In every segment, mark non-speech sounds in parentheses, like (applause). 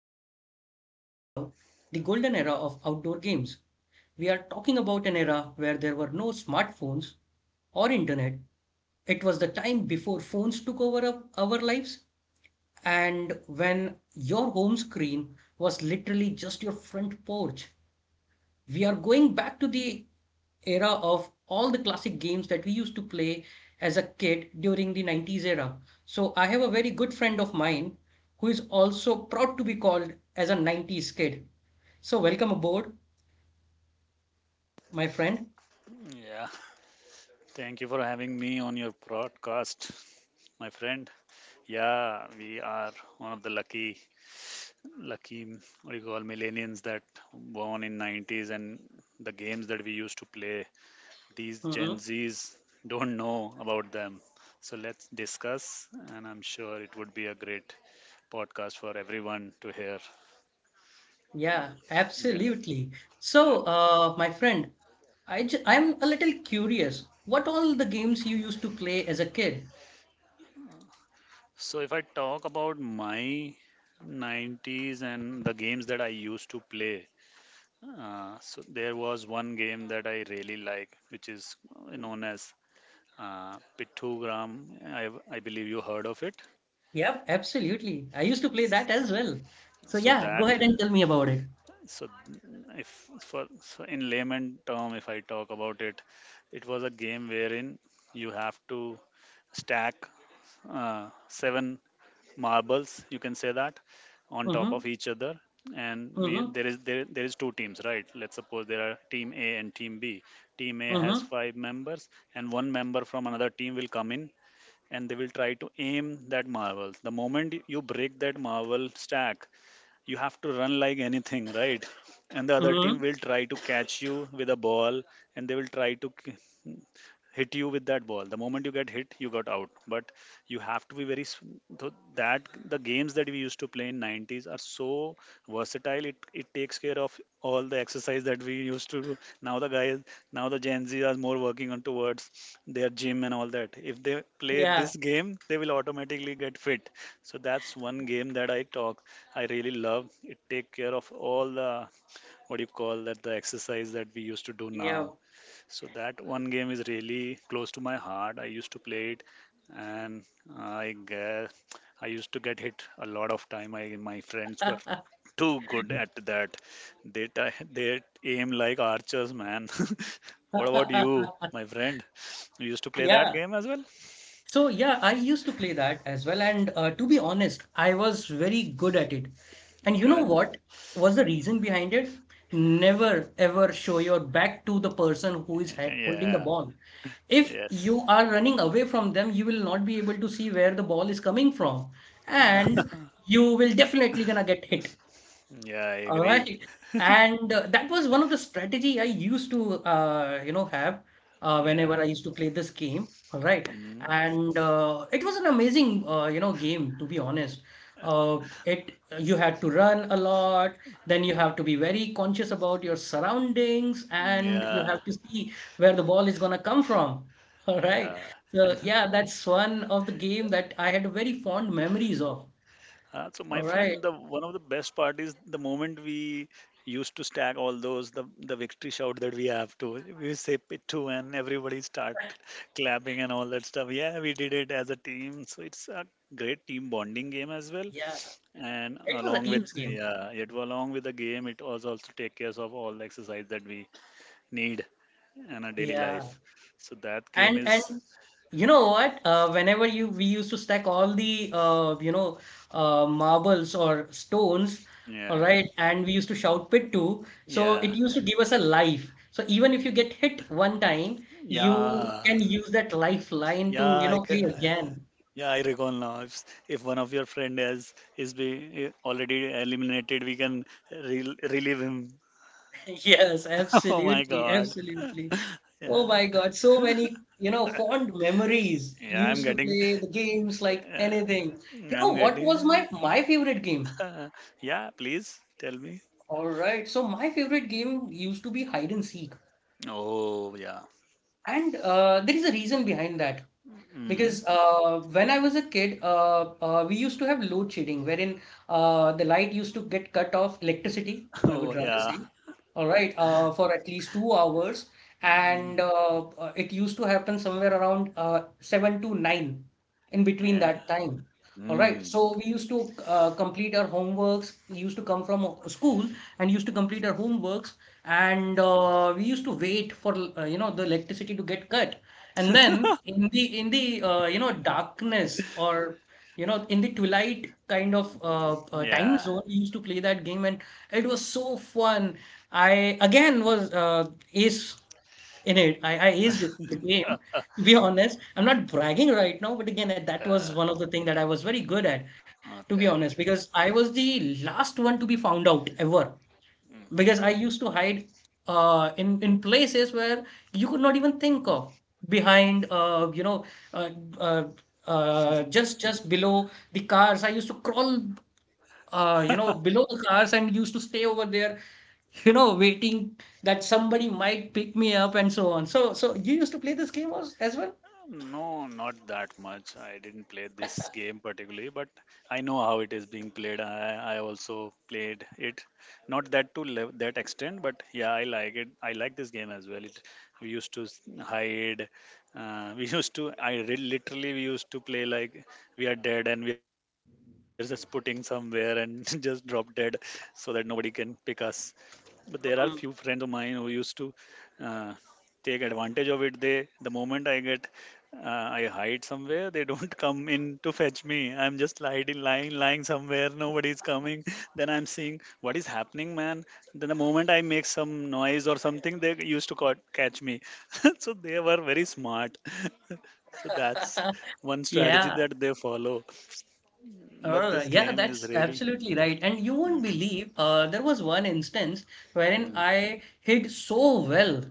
where we are going to talk about the golden era of outdoor games. We are talking about an era where there were no smartphones or internet. It was the time before phones took over of our lives, and when your home screen was literally just your front porch, we are going back to the era of all the classic games that we used to play as a kid during the 90s era. So I have a very good friend of mine who is also proud to be called as a 90s kid. So welcome aboard, my friend. Yeah, thank you for having me on your broadcast, my friend. Yeah, we are one of the lucky, what do you call, millennials that born in 90s and the games that we used to play. These hmm Gen Zs don't know about them. So let's discuss, and I'm sure it would be a great podcast for everyone to hear. Yeah, Yeah, absolutely. yeah. So, my friend, I'm a little curious. What all the games you used to play as a kid? So if I talk about my 90s and the games that I used to play, So there was one game that I really like, which is known as Pittugram. I believe you heard of it. Yep, absolutely. I used to play that as well. So So yeah, go that, ahead and tell me about it. so if for so in layman term, if I talk about it, it was a game wherein you have to stack seven marbles you can say that on top Mm-hmm. of each other, and we Mm-hmm. there is there, there is two teams, right? Let's suppose there are team A and team B. Team A has Mm-hmm. five members, and one member from another team will come in, and they will try to aim that marble. The moment you break that marble stack, you have to run like anything, right? And the other team Mm-hmm. will try to catch you with a ball, and they will try to hit you with that ball. The moment you get hit you got out. But you have to be very s- th- that the games that we used to play in 90s are so versatile, it takes care of all the exercise that we used to do now. The guys now the gen Z are more working on towards their gym and all that. If they play Yeah. this game they will automatically get fit. So that's one game that I really love it, take care of all the what do you call that, the exercise that we used to do Yeah. now. So that one game is really close to my heart. I used to play it, and I guess I used to get hit a lot of time. I, my friends were (laughs) too good at that. They aim like archers, man. (laughs) What about you, my friend? You used to play that Yeah. game as well? So yeah, I used to play that as well. And to be honest, I was very good at it. And you know Okay. what was the reason behind it? Never ever show your back to the person who is holding the Yeah. ball. If Yes. you are running away from them, you will not be able to see where the ball is coming from. Yeah. And you will definitely gonna get hit. Yeah. I All agree. right. And that was one of the strategy I used to you know have whenever Yeah. I used to play this game. All right. Mm. And it was an amazing you know game to be honest. It you had to run a lot, then you have to be very conscious about your surroundings and you Yeah. have to see where the ball is gonna come from. (laughs) All right. Yeah. So yeah, that's one of the game that I had very fond memories of. So my All right. friend, the one of the best part is the moment we used to stack all those the victory shout that we have to, we say pittu and everybody start clapping and all that stuff. Yeah, we did it as a team. So it's a great team bonding game as well. Yeah. And It was a along with, team's game. yeah, it along with the game, it was also take care of all the exercise that we need in our daily Yeah. life. So that game And is, and you know what? Whenever you we used to stack all the you know marbles or stones, all yeah, right, and we used to shout pit too. So yeah, it used to give us a life. So even if you get hit one time, you yeah, can use that lifeline yeah. to you know play again. Yeah, I recall now. If one of your friend has is be already eliminated, we can relieve him. (laughs) Yes, (laughs) Oh my absolutely, God. absolutely. Oh Yeah, my God, so many, you know, fond memories. yeah. I'm Used to getting. play the games like Uh, anything. You know I'm what was getting. my favorite game? (laughs) Yeah, please tell me. All right. So my favorite game used to be hide and seek, Oh yeah. and there is a reason behind that. Mm. Because when I was a kid, we used to have load shedding, wherein the light used to get cut off, electricity, (laughs) I Oh would rather yeah. say. All right, for at least 2 hours, Mm. and it used to happen somewhere around 7 to 9, in between Yeah. that time. All right, Mm. so we used to complete our homeworks, used to come from school and used to complete our homeworks, and we used to wait for you know the electricity to get cut, and then in the you know darkness, or you know in the twilight kind of time Yeah. zone, we used to play that game, and it was so fun. I again was ace in it. I aced the game, (laughs) to be honest. I'm not bragging right now, but again, that Uh, was uh, one of the things that I was very good at, to be honest, okay. because I was the last one to be found out ever, Mm. because I used to hide in places where you could not even think of, behind you know uh, uh, just below the cars. I used to crawl you know below the cars and used to stay over there, you know, waiting that somebody might pick me up, and so on. So so you used to play this game as well? No, not that much. I didn't play this game particularly, but I know how it is being played. I also played it, not that to that extent, but yeah, I like it. I like this game as well. It, we used to hide. (laughs) We used to. Literally we used to play like we are dead and we are just putting somewhere and (laughs) just drop dead so that nobody can pick us. But there are few friends of Mm. mine who used to uh, take advantage of it. They the moment I get uh, I hide somewhere. They don't (laughs) come in to fetch me. I'm just hiding, lying somewhere. Nobody's coming. Then I'm seeing what is happening, man. Then the moment I make some noise or something, they used to catch me. (laughs) So they were very smart. (laughs) So that's (laughs) one strategy Yeah. that they follow. But this Yeah, game is that's really. absolutely right. And you won't Mm, believe, there was one instance wherein mm, I hid so well.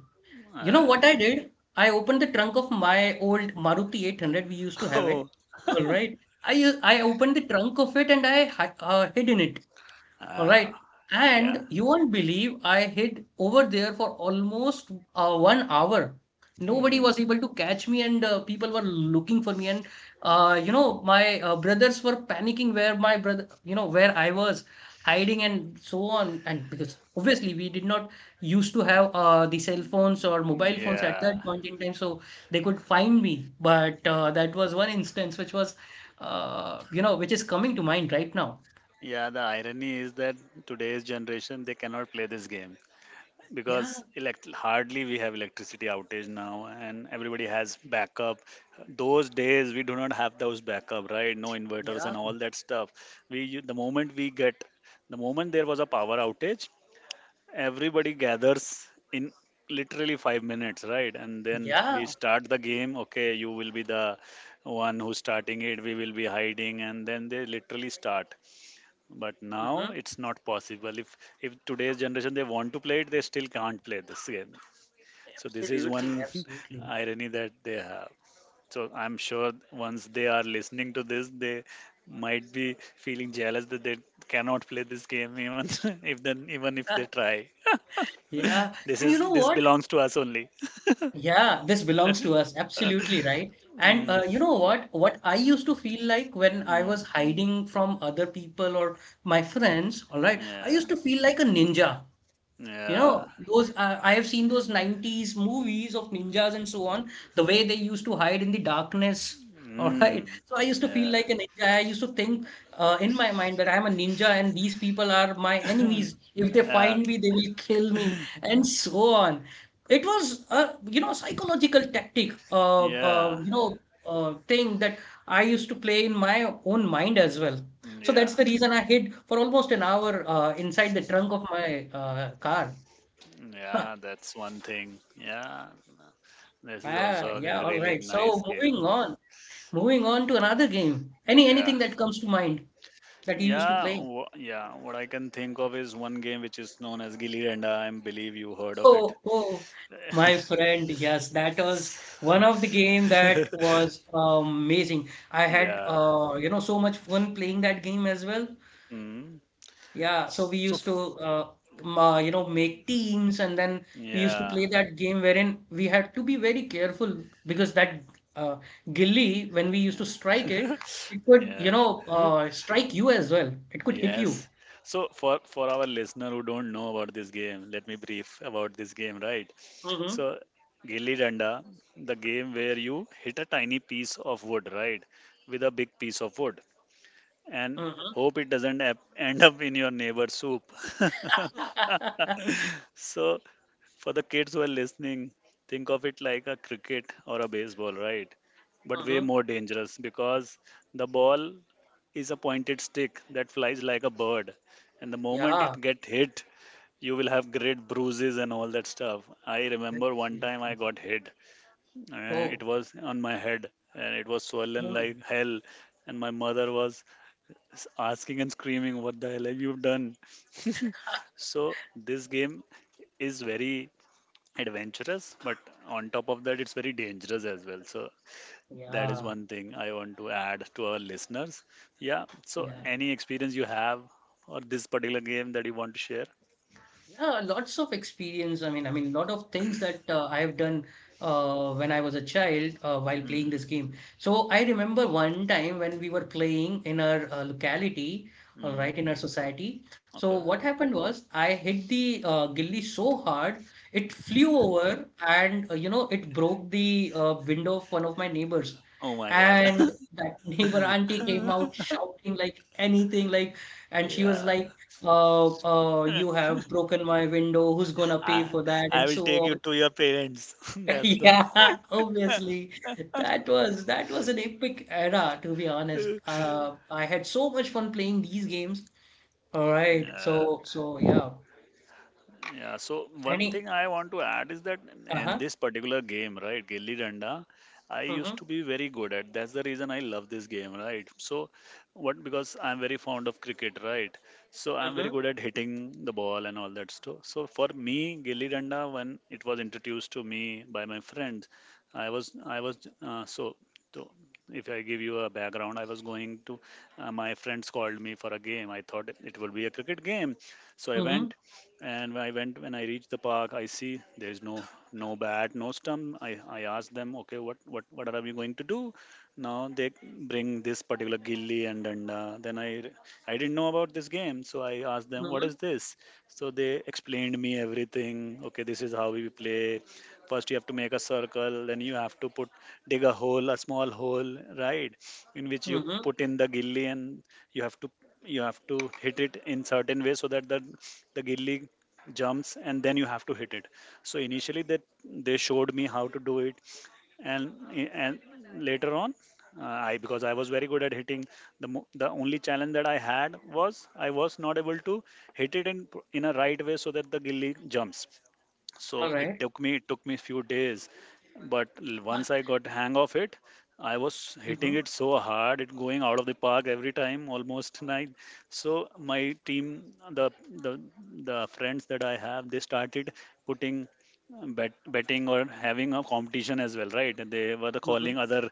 You know uh, what I did? I opened the trunk of my old Maruti 800. We used to (laughs) have oh, it. All right. I opened the trunk of it and I hid in it. All ah, right. yeah. And you won't believe I hid over there for almost 1 hour. Nobody Hmm. was able to catch me, and people were looking for me. And you know, my brothers were panicking where my brother, you know, where I was hiding, and so on. And because obviously we did not used to have the cell phones or mobile phones at Yeah. that point in time, so they could find me. But that was one instance which was, you know, which is coming to mind right now. Yeah, the irony is that today's generation they cannot play this game, because Yeah, hardly we have electricity outage now and everybody has backup. Those days we do not have those backup, right? No inverters yeah. and all that stuff. The moment we get, the moment there was a power outage, everybody gathers in literally 5 minutes, right? And then Yeah, we start the game. Okay, you will be the one who's starting it, we will be hiding, and then they literally start. But now hmm. it's not possible. If today's generation they want to play it, they still can't play this game. So this is one Absolutely, absolutely. (laughs) irony that they have. So I'm sure once they are listening to this, they might be feeling jealous that they cannot play this game. Even (laughs) if then even if Uh, they try yeah, (laughs) this and you is, know this what? belongs to us only. Yeah, this belongs to us. Absolutely right. (laughs) And mm, you know what? What I used to feel like when I mm, was hiding from other people or my friends, all right, I yeah, used to feel like a ninja. You yeah, know, those I have seen those 90s movies of ninjas and so on, the way they used to hide in the darkness. (laughs) All right. mm, So I used to feel yeah. like a ninja. I used to think in my mind that I'm a ninja and these people are my enemies. If they (laughs) find me, they will kill me, and so on. It was a, you know, psychological tactic, Yeah, you know, thing that I used to play in my own mind as well. So yeah. that's the reason I hid for almost an hour inside the trunk of my car. (laughs) Huh. Yeah, that's one thing. Yeah, this is Ah, also a yeah, all really right. nice So moving game. on, moving on to another game. Yeah, Anything that comes to mind that you used to yeah, play? (laughs) Yeah. What I can think of is one game which is known as Gilli Danda. I believe you heard of it. Oh, oh, my friend, yes, that was one of the (laughs) game that was amazing. I had Yeah. You know, so much fun playing that game as well. Mm. Yeah, so we So, used f- to uh, you know make teams, and then we used to yeah, play that game wherein we had to be very careful because that uh, gilli, when we used to strike it, it could yeah. you know strike you as well. It could hit Yes. you. So for our listener who don't know about this game, let me brief about this game, right? Mm-hmm. So Gilli Danda, the game where you hit a tiny piece of wood, right, with a big piece of wood, and Mm-hmm. hope it doesn't end up in your neighbor's soup. (laughs) (laughs) So, for the kids who are listening, think of it like a cricket or a baseball, right? But way Mm-hmm. more dangerous because the ball is a pointed stick that flies like a bird. And the moment Yeah. it get hit, you will have great bruises and all that stuff. I remember That's- one time I got hit. And it Oh, was on my head and it was swollen woman. like hell. And my mother was asking and screaming, "What the hell have you done?" (laughs) So, this game is very adventurous, but on top of that, it's very dangerous as well. So that is Yeah. one thing I want to add to our listeners. Yeah. So Yeah. any experience you have or this particular game that you want to share? Yeah, lots of experience. I mean, lot of things that I have done when I was a child while playing this Mm, game. So I remember one time when we were playing in our locality, all mm, right, in our society. So okay. what happened was I hit the gilli so hard it flew over, and you know it broke the window of one of my neighbors. Oh my God. And that (laughs) neighbor auntie came (laughs) out shouting like anything, like, and she was Yeah. like, you (laughs) have broken my window, who's gonna pay I for that, I and will so take you on. to your parents. (laughs) (laughs) That's the. Yeah, obviously, that was an epic era, to be honest. (laughs) I had so much fun playing these games. All right, Yeah. so so yeah, Yeah, so one thing any I want to add is that in uh-huh, this particular game, right, Gilli Danda, I used uh-huh, to be very good at. That's the reason I love this game, right? So, what because I'm very fond of cricket, right? So I'm very uh-huh, good at hitting the ball and all that stuff. So for me, Gilli Danda, when it was introduced to me by my friends, I was so. So if I give you a background, I was going to, my friends called me for a game. I thought it will be a cricket game. So I uh-huh, went and when I reached the park, I see there's no no bat, no stump. I asked them, okay, what, what are we going to do? Now they bring this particular gilli and danda. Then I didn't know about this game, so I asked them, what uh-huh, is this? So they explained me everything. Okay, this is how we play. First, you have to make a circle, then you have to put dig a hole, a small hole, right, in which you uh-huh. put in the gilli, and you have to you have to hit it in certain way so that the gilli jumps, and then you have to hit it. So initially, that they showed me how to do it, and and later on I because I was very good at hitting, the only challenge that I had was I was not able to hit it in a right way so that the gilly jumps. All right. It took me few days, but Uh, once I got hang of it, I was hitting mhm, it so hard it going out of the park every time almost (laughs) night. So my team, the the the friends that I have, they started putting betting or having a competition as well, right? And they were the mhm. calling other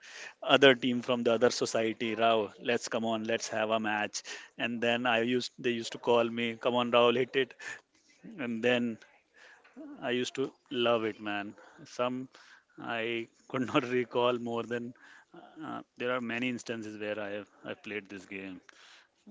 other team from the other society, Rao, let's come on, let's have a match. And then I used they used to call me, come on Rao, hit it. And then I used to love it, man. Some I could not (laughs) recall more than there are many instances where I played this game.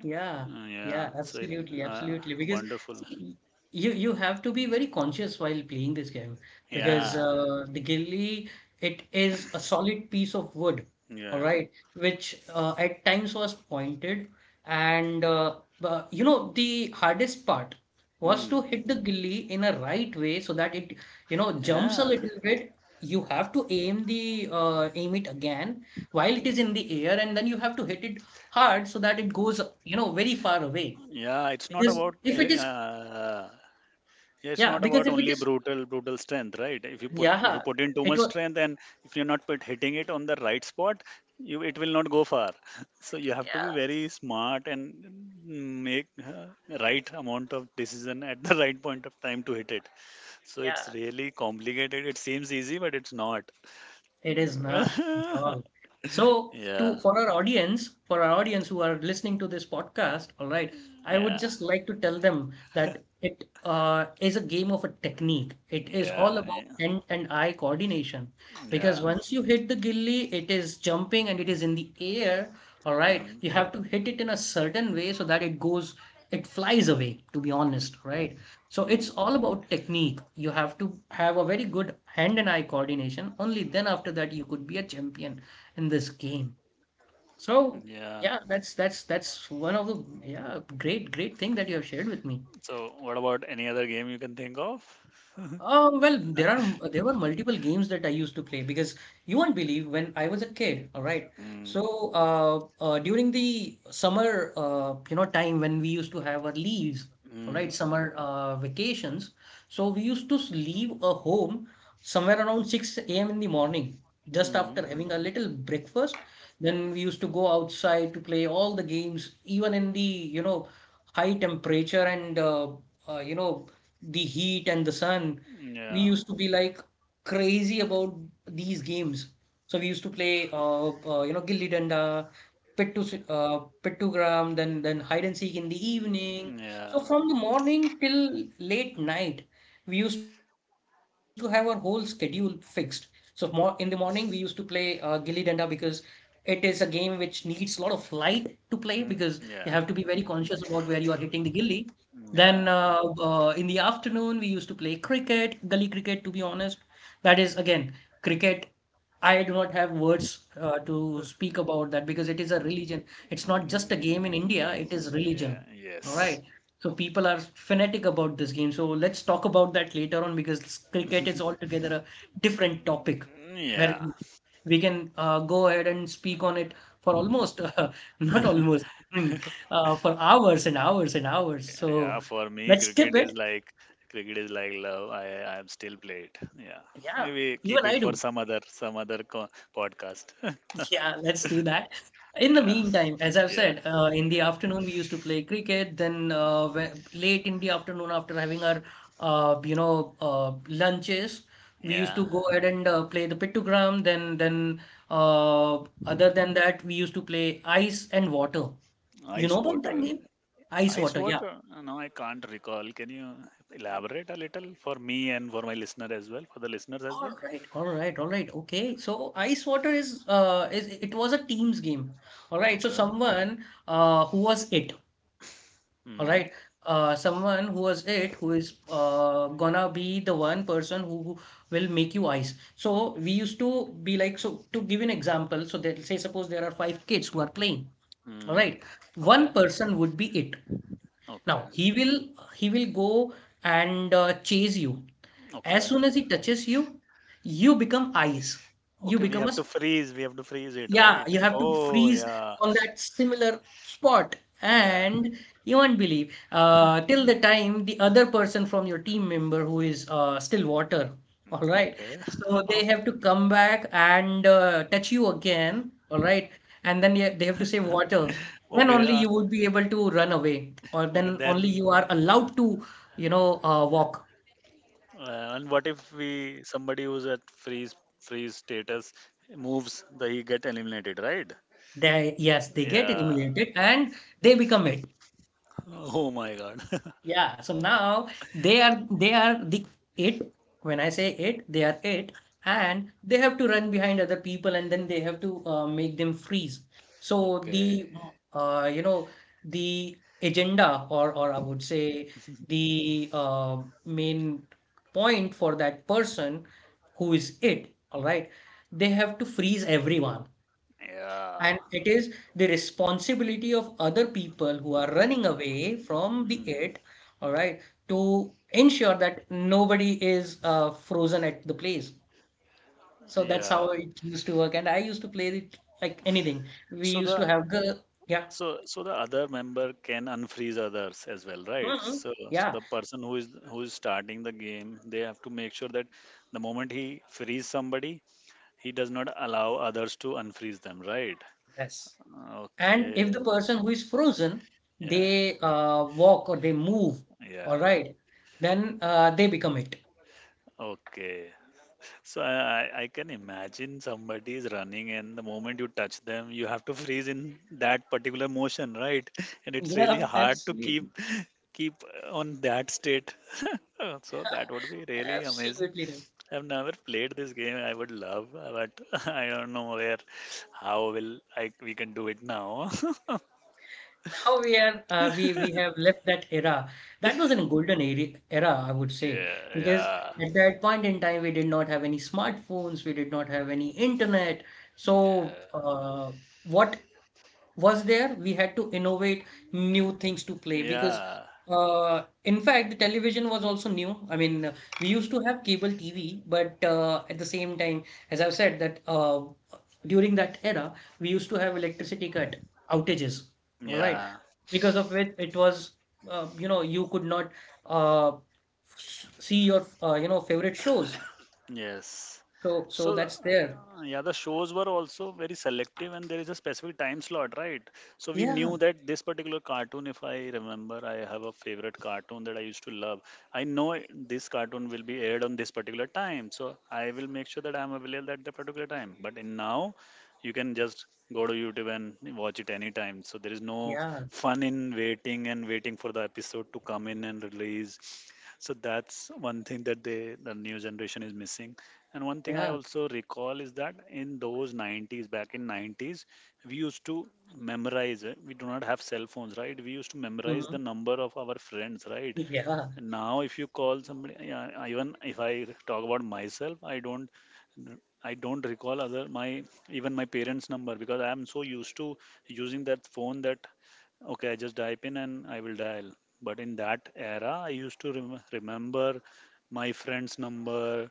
Yeah, yeah, Yeah, so it, absolutely, absolutely. Because wonderful. see, you have to be very conscious while playing this game because Yeah, the ghillie, it is a solid piece of wood, all yeah, right, which at times was pointed, and you know the hardest part was to mm, hit the ghillie in a right way so that it, you know, jumps a yeah, little bit. You have to aim the aim it again while it is in the air, and then you have to hit it hard so that it goes, you know, very far away. yeah. It's not Because about if it is, yeah, it's yeah, not because about if it only is, brutal strength, right? If you put if you yeah, put in too it much was, strength, and if you're not hitting it on the right spot, you it will not go far. (laughs) So you have to be yeah, very smart and make right amount of decision at the (laughs) right point of time to hit it. So it's yeah. really complicated. It seems easy, but it's not. It is (laughs) not at Yeah, all. So yeah, to for our audience who are listening to this podcast, all right, I would yeah, just like to tell them that it is a game of a technique. It is all yeah, about hand and eye coordination, because yeah. once you hit the gilly, it is jumping and it is in the air. All right, Mm, you have to hit it in a certain way so that it goes, it flies away, to be honest, right? So it's mm, all about technique. You have to have a very good hand and eye coordination. Only then after that you could be a champion in this game. So yeah. yeah, that's one of the yeah, great thing that you have shared with me. So what about any other game you can think of? (laughs) Well, there are there were multiple games that I used to play because you won't believe when I was a kid. All right, Mm. so during the summer, time when we used to have our leaves, all right, Mm, summer vacations. So we used to leave a home somewhere around 6 a.m. in the morning, just mm, after having a little breakfast. Then we used to go outside to play all the games, even in the you know high temperature and uh, you know the heat and the sun. We yeah, used to be like crazy about these games. So we used to play, gilli danda, pit to gram, then hide and seek in the evening. mm, So yeah, from the morning till late night, we used to have our whole schedule fixed. So more in the morning, we used to play gilli danda because it is a game which needs a lot of light to play because mm, you have to be yeah, very conscious about where you are hitting the gilli. Then yeah, in the afternoon, we used to play cricket, gully cricket, to be honest. That is, again, cricket. I do not have words to speak about that because it is a mm, religion. It's not just a game in India, mm, it is yeah, religion. All yes. right. So people are fanatic about this game. So let's talk about that later on because cricket is (laughs) altogether a different topic where Yeah, we can go ahead and speak on it for almost, (laughs) not (laughs) almost, (laughs) for hours and hours and hours. yeah. So For me, let's skip cricket is it. like cricket is like love. I am still play it. Yeah, Yeah, maybe keep even it I for do. some other podcast. (laughs) Yeah, let's do that. In the Yeah, meantime, as I've yeah, said, in the yeah, afternoon we used to play cricket. Then late in the afternoon, after having our lunches, we used yeah. to go ahead and play the pictogram. Then other than that, we used to play ice and water. You Ice know about water. that game? Ice Ice water. Yeah. water? No, I can't recall. Can you elaborate a little for me and for my listener as well, for the listeners as All well? right, all right, all right. Okay, so ice water is it was a team's game. All right, so Okay. someone who was it. All Mm, right, someone who was it who is gonna be the one person who will make you ice. So we used to be like, so to give an example. So they'll say suppose there are five kids who are playing. All mm, right, okay. one person would be it. Okay. Now he will go and chase you. As Okay. soon as he touches you, you become ice. You Okay. We become a have to s- freeze. We have to freeze it, Yeah, right? you have to Oh, freeze yeah. on that similar spot, Yeah. and you won't believe till the time the other person from your team member who is still water. (laughs) All right. Okay. So they (laughs) have to come back and touch you again. All right. And then yeah, they have to say water. Then Okay. only Uh, you would be able to run away, or okay. then only Then, you are allowed to, walk. uh, and what if we somebody who's at freeze status moves, the he get eliminated, right? Yes, they get Yeah. eliminated and they become it. Oh my God. (laughs) Yeah, so now they are the it. When I say it, they are it, and they have to run behind other people, and then they have to make them freeze. So Okay. the uh, you know the agenda, or I would say the main point for that person who is it. All right, they have to freeze everyone. Yeah. And it is the responsibility of other people who are running away from the Mm, it, all right, to ensure that nobody is frozen at the place. So that's how yeah. it used to work. And I used to play it like anything. We So used to the have the, yeah, so the other member can unfreeze others as well, right? hmm So yeah. the person who is starting the game, they have to make sure that the moment he frees somebody, he does not allow others to unfreeze them, right? Yes. And if the Okay. person who is frozen, Yeah. they walk or they move, all Yeah. right, then they become it. Okay. So I can imagine somebody is running, and the moment you touch them, you have to (laughs) freeze in that particular motion, right? (laughs) And it's really Yeah, hard to keep absolutely. keep on that state. (laughs) So that would be really amazing. Absolutely. I've never played this game. I would love, but (laughs) I don't know where, how will I we can do it now. (laughs) Now we are we have left that era. That was a golden era, I would say, Yeah, because yeah, at that point in time we did not have any smartphones, we did not have any internet. So yeah, uh, what was there, we had to innovate new things to play because, yeah, in fact, the television was also new. I mean, we used to have cable TV, but at the same time, as I've said, that during that era, we used to have electricity cut outages, all right, yeah. because of which it was, you could not uh, see your, favorite shows. Yes. So, so So, that's there. Yeah, the shows were also very selective, and there is a specific time slot, right? So, we Yeah, knew that this particular cartoon, if I remember, I have a favorite cartoon that I used to love. This cartoon will be aired on this particular time, so I will make sure that I'm available at that particular time. But in now, you can just go to YouTube and watch it anytime. So, there is no yeah, fun in waiting and waiting for the episode to come in and release. So that's one thing that the new generation is missing. And one thing I yeah. also recall is that in those 90s, back in 90s, we used to memorize we do not have cell phones, right? We used to memorize the hmm number of our friends, right? Yeah, And now if you call somebody, yeah, even if I talk about myself, I don't recall other my even my parents number, because I am so used to using that phone that okay, I just type in and I will dial. But in that era, I used to remember my friend's number,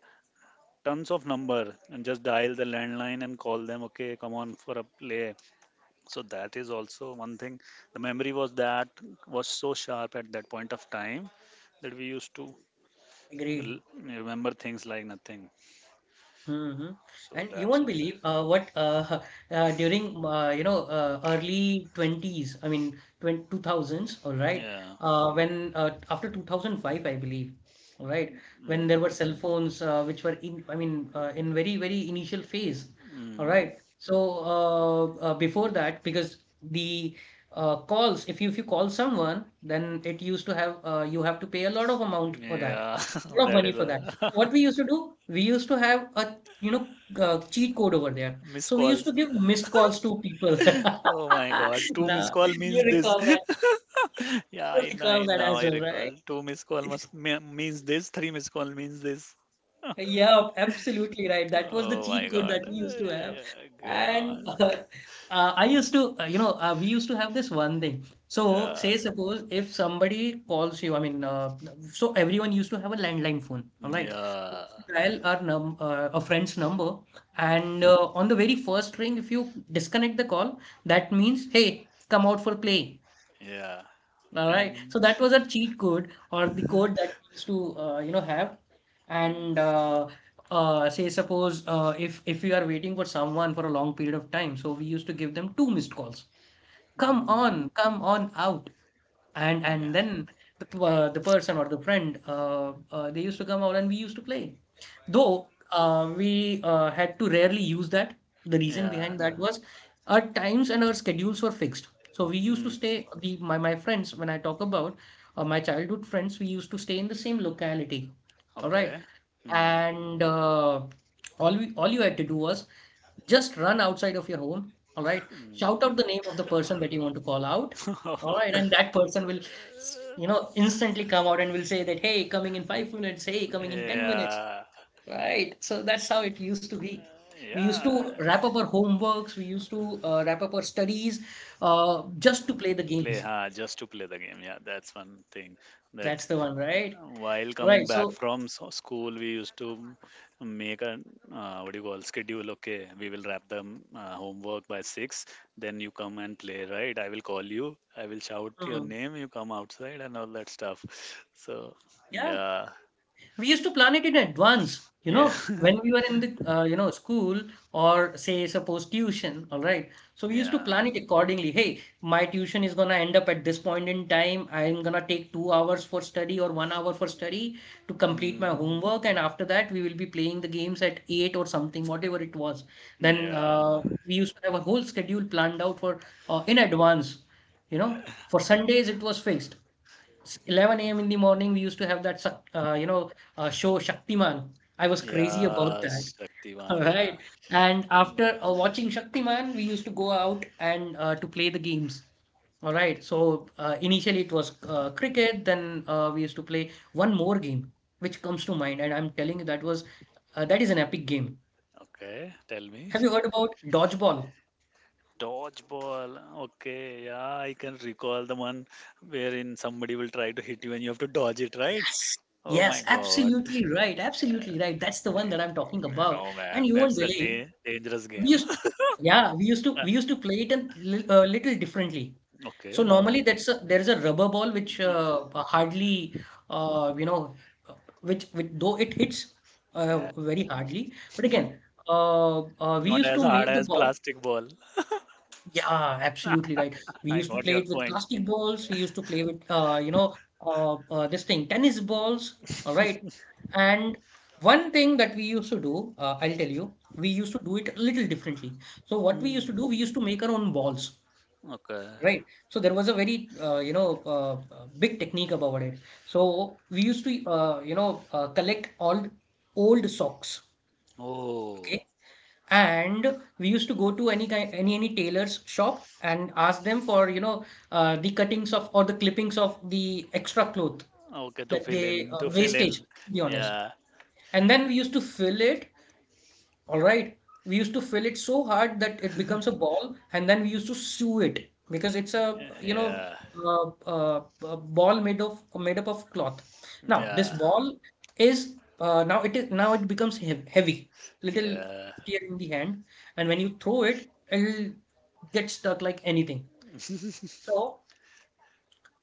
tons of number, and just dial the landline and call them. Okay, come on for a play. So that is also one thing. The memory was that was so sharp at that point of time that we used to agreed. remember things like nothing. hmm So And you that's won't one. believe what (laughs) during early 20s, I mean 20, 2000s, all right, Yeah. When after 2005, I believe, all right, when there were Mm. cell phones which were in, I mean, in very very initial phase, all Mm. right. So uh, before that, because the calls, if you call someone, then it used to have you have to pay a lot of amount for that, Yeah. (laughs) lot of That money is for that. So a what we used to do, we used to have a you know, cheat code over there. (laughs) miss So we call. used to give missed calls to people. (laughs) Oh my god, two missed Now, call means you this. recall that. (laughs) Yeah, You I know, I recall that now as I well, recall. right? Two missed call must means this. Three missed call means this. Yeah, absolutely right. That was the Oh my cheat code god. that we used to have. Yeah, And god. (laughs) I used to, we used to have this one thing. So, say, suppose if somebody calls you, so everyone used to have a landline phone, Yeah, all right? So we yeah, used to Dial our num a friend's number, and on the very first ring, if you disconnect the call, that means, hey, come out for play. yeah. All right. And So that was a cheat code or the code (laughs) that we used to have. And say suppose if we are waiting for someone for a long period of time, so we used to give them two missed calls. Come Mm, on, come on out, yeah, and then the person or the friend they used to come out and we used to play, though we had to rarely use that. The reason yeah. behind that was our times and our schedules were fixed, so we used to Mm, stay the my friends when I talk about my childhood friends, we used to stay in the same locality, all right, okay. Mm, and all you had to do was just run outside of your home, all right? mm. Shout out the name of the person that you want to call out, all right? And that person will, instantly come out and will say that, hey, coming in 5 minutes, hey, (laughs) coming in 10 minutes, Yeah, right? So that's how it used to be. We used yeah. to wrap up our homeworks, we used to wrap up our studies just to play the Play, games. huh? Just to play the game. Yeah, that's one thing that That's the one, right? while coming Right. back So, from school, we used to make a what do you call schedule. Okay, we will wrap the homework by six. Then you come and play, right? I will call you. I will shout your mm, name. You come outside and all that stuff. So yeah. yeah, We used to plan it in advance. You yeah, know, (laughs) when we were in the school or say suppose tuition, all right. So we used to yeah, plan it accordingly. Hey, my tuition is gonna end up at this point in time. I'm gonna take 2 hours for study or 1 hour for study to complete my mm, homework, and after that we will be playing the games at eight or something, whatever it was. Then yeah, we used to have a whole schedule planned out for in advance. You know, for Sundays it was fixed 11 a.m. in the morning, we used to have that, show Shaktiman. I was crazy about yeah. that. (laughs) All Shaktivan, yeah. right. And Mm, after watching Shaktiman, we used to go out and to play the games. All right. So initially it was cricket. Then we used to play one more game, which comes to mind, and I'm telling you that was that is an epic game. okay, tell me. Have you heard (laughs) about dodgeball? Dodgeball. Okay, yeah, I can recall the one wherein somebody will try to hit you and you have to dodge it, right? Yes. Oh Yes, my god. absolutely right. Absolutely right. That's the one Eh, that I'm talking about. No And man, you won't that's a believe, dangerous We game. used, yeah, we used to we (laughs) used to play it little differently. Okay, So normally that's a, there's a rubber ball which hardly uh, you know which though it hits yeah. very hardly. But (laughs) again, we Not used as to hard make the as ball. plastic ball. Yeah, absolutely right. (laughs) We I used to got play your it with point. plastic balls. We used to play with, this thing, tennis balls. All right. And one thing that we used to do, I'll tell you, we used to do it a little differently. So what we used Hmm. to do, we used to make our own balls, Okay. right? So there was a very, big technique about it. So we used to, collect all old socks. Oh. Okay. And we used to go to any kind, any tailor's shop and ask them for, you know, the cuttings of or the clippings of the extra cloth Okay, to that fill they in, to fill wastage, in. to be honest. Yeah, And then we used to fill it, all right. We used to fill it so hard that it becomes a ball, and then we used to sew it because it's a you know yeah, uh, uh, a ball made up of cloth. Now this yeah, ball is now it becomes hev heavy, little yeah. heftier in the hand, and when you throw it, it'll get stuck like anything. So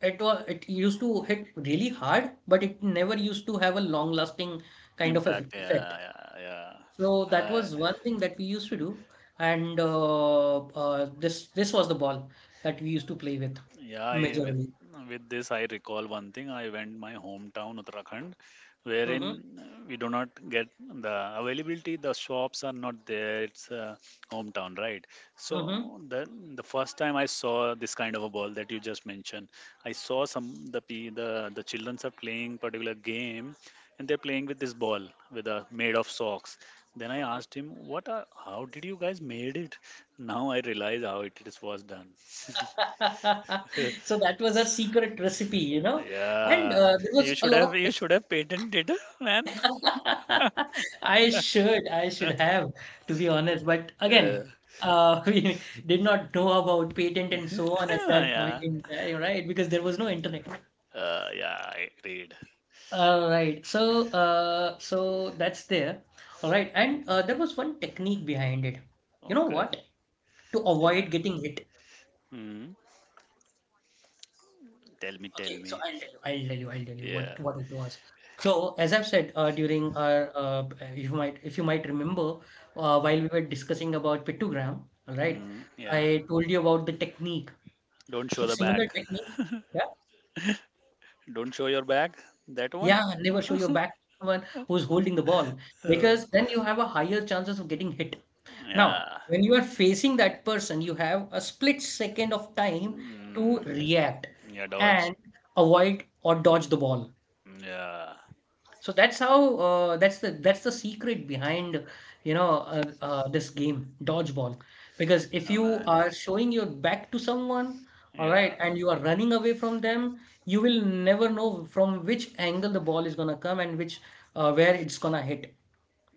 it used to hit really hard, but it never used to have a long lasting kind of Impact. Yeah, effect. yeah, So that yeah. was one thing that we used to do, and this was the ball that we used to play with Yeah, I, majorly. with this, I recall one thing. I went my hometown Uttarakhand, wherein hmm we do not get the availability. The shops are not there. It's hometown, right? So hmm the first time I saw this kind of a ball that you just mentioned, I saw some the pe- the childrens are playing particular game, and they're playing with this ball with a made of socks. Then I hmm asked him, "What? How did you guys made it?" Now I realize how it was done. (laughs) (laughs) So that was our secret recipe, you know. And Yeah, there you was a should lot have you of. should have patented, man. (laughs) I should (laughs) have, to be honest. But Yeah, again, (laughs) we did not know about patent and so on at that point yeah, in time, right? Because there was no internet. Yeah. I agreed. All right. So, so that's there. All right. And there was one technique behind it. You know Okay. what? To Yeah. avoid getting hit. Mm. Tell me, tell Okay. me. So I'll tell you. I'll tell you. I'll tell you Yeah. what it was. So as I've said during our, if you might remember, while we were discussing about pictogram, all right, Mm. Yeah. I told you about the technique. Don't So show the back. similar technique. Yeah. Don't show your back. That one. Yeah. Never show your back to someone who's holding the ball Uh, because then you have a higher chances of getting hit. Now, yeah. when you are facing that person, you have a split second of time to Mm. react Yeah. Dodge. and avoid or dodge the ball. Yeah. So that's how that's the secret behind you know this game, dodgeball. Because if Oh, you man. are showing your back to someone, all Yeah. right, and you are running away from them, you will never know from which angle the ball is gonna come and which where it's gonna hit.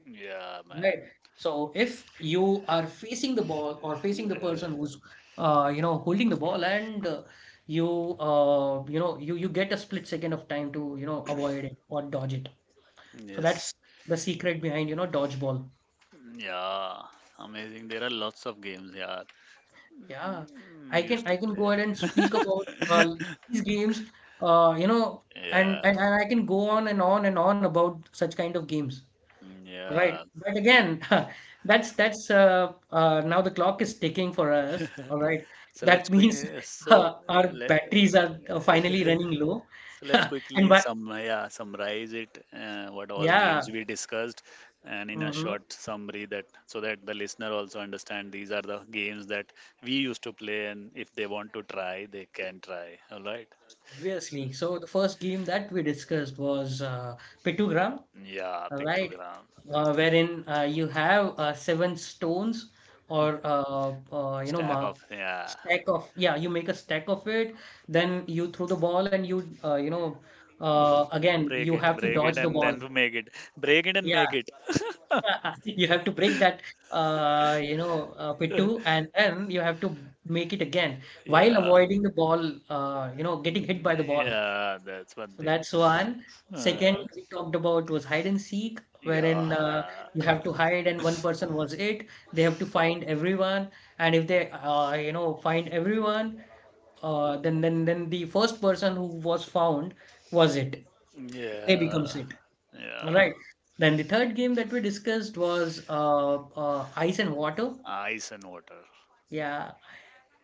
Yeah, Right. man. So if you are facing the ball or facing the Uh, person who's you know holding the ball and you you know you get a split second of time to you know avoid it or dodge it. So that's yes. the secret behind you know dodgeball. Yeah. Amazing. There are lots of games. Yeah. Yeah, Mm, used to I can go play. ahead and speak about (laughs) these games. You know, Yeah, and I can go on and on and on about such kind of games. yeah. Right. But again, (laughs) that's now the clock is ticking for us. All (laughs) right. so let's That means quickly. (laughs) So our let. batteries (laughs) are finally running low. So (laughs) let's quickly And but yeah, summarize it. What all yeah, games we discussed, and in a mhm, short summary that so that the listener also understand these are the games that we used to play, and if they want to try, they can try. All right. obviously. So the first game that we discussed was Pictogram. Yeah, All right, pictogram. Wherein you have seven stones or you know Stack ma of, yeah. stack of, yeah, you make a stack of it, then you throw the ball and you you know again you have to Break dodge it, the and then ball, to make it. Break it and yeah, make it. (laughs) you have to break that you know pittu (laughs) and then you have to make it again while Yeah, avoiding the ball, you know, getting hit by the ball, yeah, that's one so thing. that's one. Second, Uh, we talked about was hide and seek, wherein yeah, you have to hide and one person was it. They have to find everyone, and if they, you know, find everyone, then the first person who was found was it. They yeah, becomes it. All yeah. right. Then the third game that we discussed was ice and water. Ice and water. Yeah.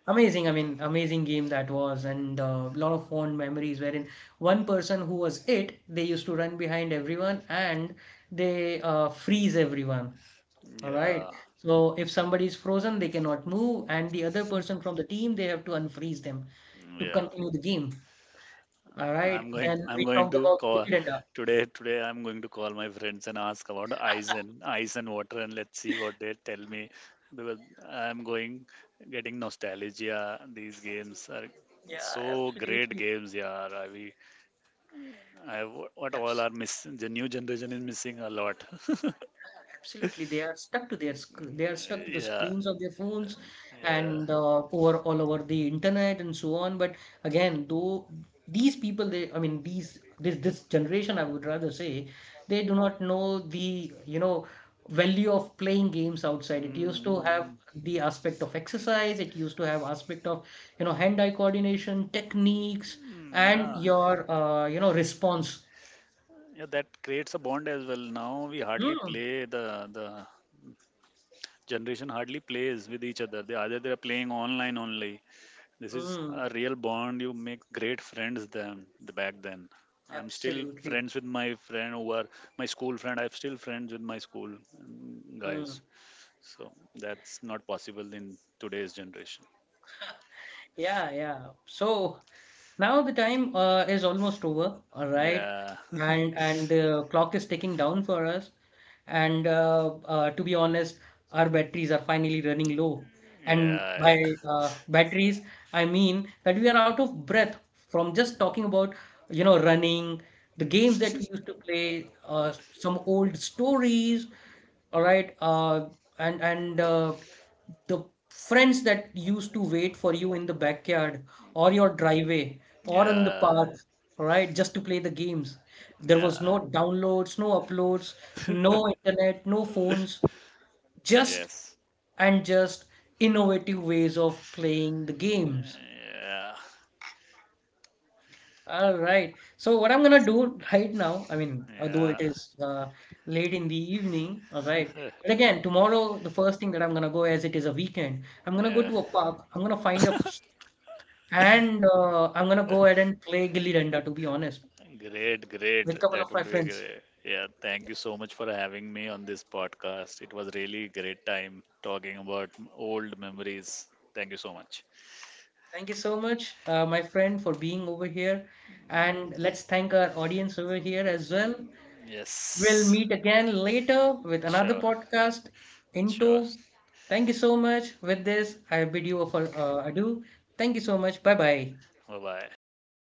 Amazing, I mean, amazing game that was, and a lot of fond memories, wherein one person who was it, they used to run behind everyone and they freeze everyone. All Yeah, right. So if somebody is frozen, they cannot move, and the other person from the team, they have to unfreeze them to yeah. continue the game. All right. I'm going. Then I'm we going talked to about call dividenda. today. Today, I'm going to call my friends and ask about ice and water, and let's see what they tell me because I'm going getting nostalgia. These games are Yeah, so great absolutely. games, yeah. I, what all Absolutely. are miss the new generation is missing a lot. (laughs) Absolutely, they are stuck to their sc they are stuck to the Yeah, screens of their phones and yeah. Over all over the internet and so on. But again, though these people, they, I mean, these this generation, I would rather say, they do not know the you know value of playing games outside. It used to have Mm, the aspect of exercise. It used to have aspect of you know hand-eye coordination, techniques, mm, and yeah, your you know response. yeah. That creates a bond as well. Now we hardly Mm, play the generation hardly plays with each other. They either they are playing online only. This is mm, a real bond. You make great friends then the back then. I'm still absolutely. friends with my friend over my school friend. I'm still friends with my school Mm. guys. So that's not possible in today's generation. Yeah, yeah. So, now the time is almost over, all right, Yeah, and the clock is ticking down for us. And to be honest, our batteries are finally running low. (laughs) And yeah, by batteries, I mean that we are out of breath from just talking about, you know, running, the games that we used to play, some old stories, all right, and the friends that used to wait for you in the backyard or your driveway or in the yeah, park, right? Just to play the games. There yeah. was no downloads, no uploads, no internet, no phones, just Yes. and just innovative ways of playing the games. Yeah, All right. So what I'm gonna do right now, I mean, although yeah, it is late in the evening, all right. But again, tomorrow the first thing that I'm gonna go, as it is a weekend, I'm gonna go yeah. to a park. I'm gonna find a and I'm gonna go ahead and play Gilli Danda, to be honest, Great, great. with a couple That of would my be friends. great. Yeah, thank you so much for having me on this podcast. It was really great time talking about old memories. Thank you so much. Thank you so much, my friend, for being over here. And let's thank our audience over here as well. We'll Yes, meet again later with another sure, podcast. sure. Into thank you so much. With this, I bid you a adieu. Thank you so much. Bye bye. Bye bye.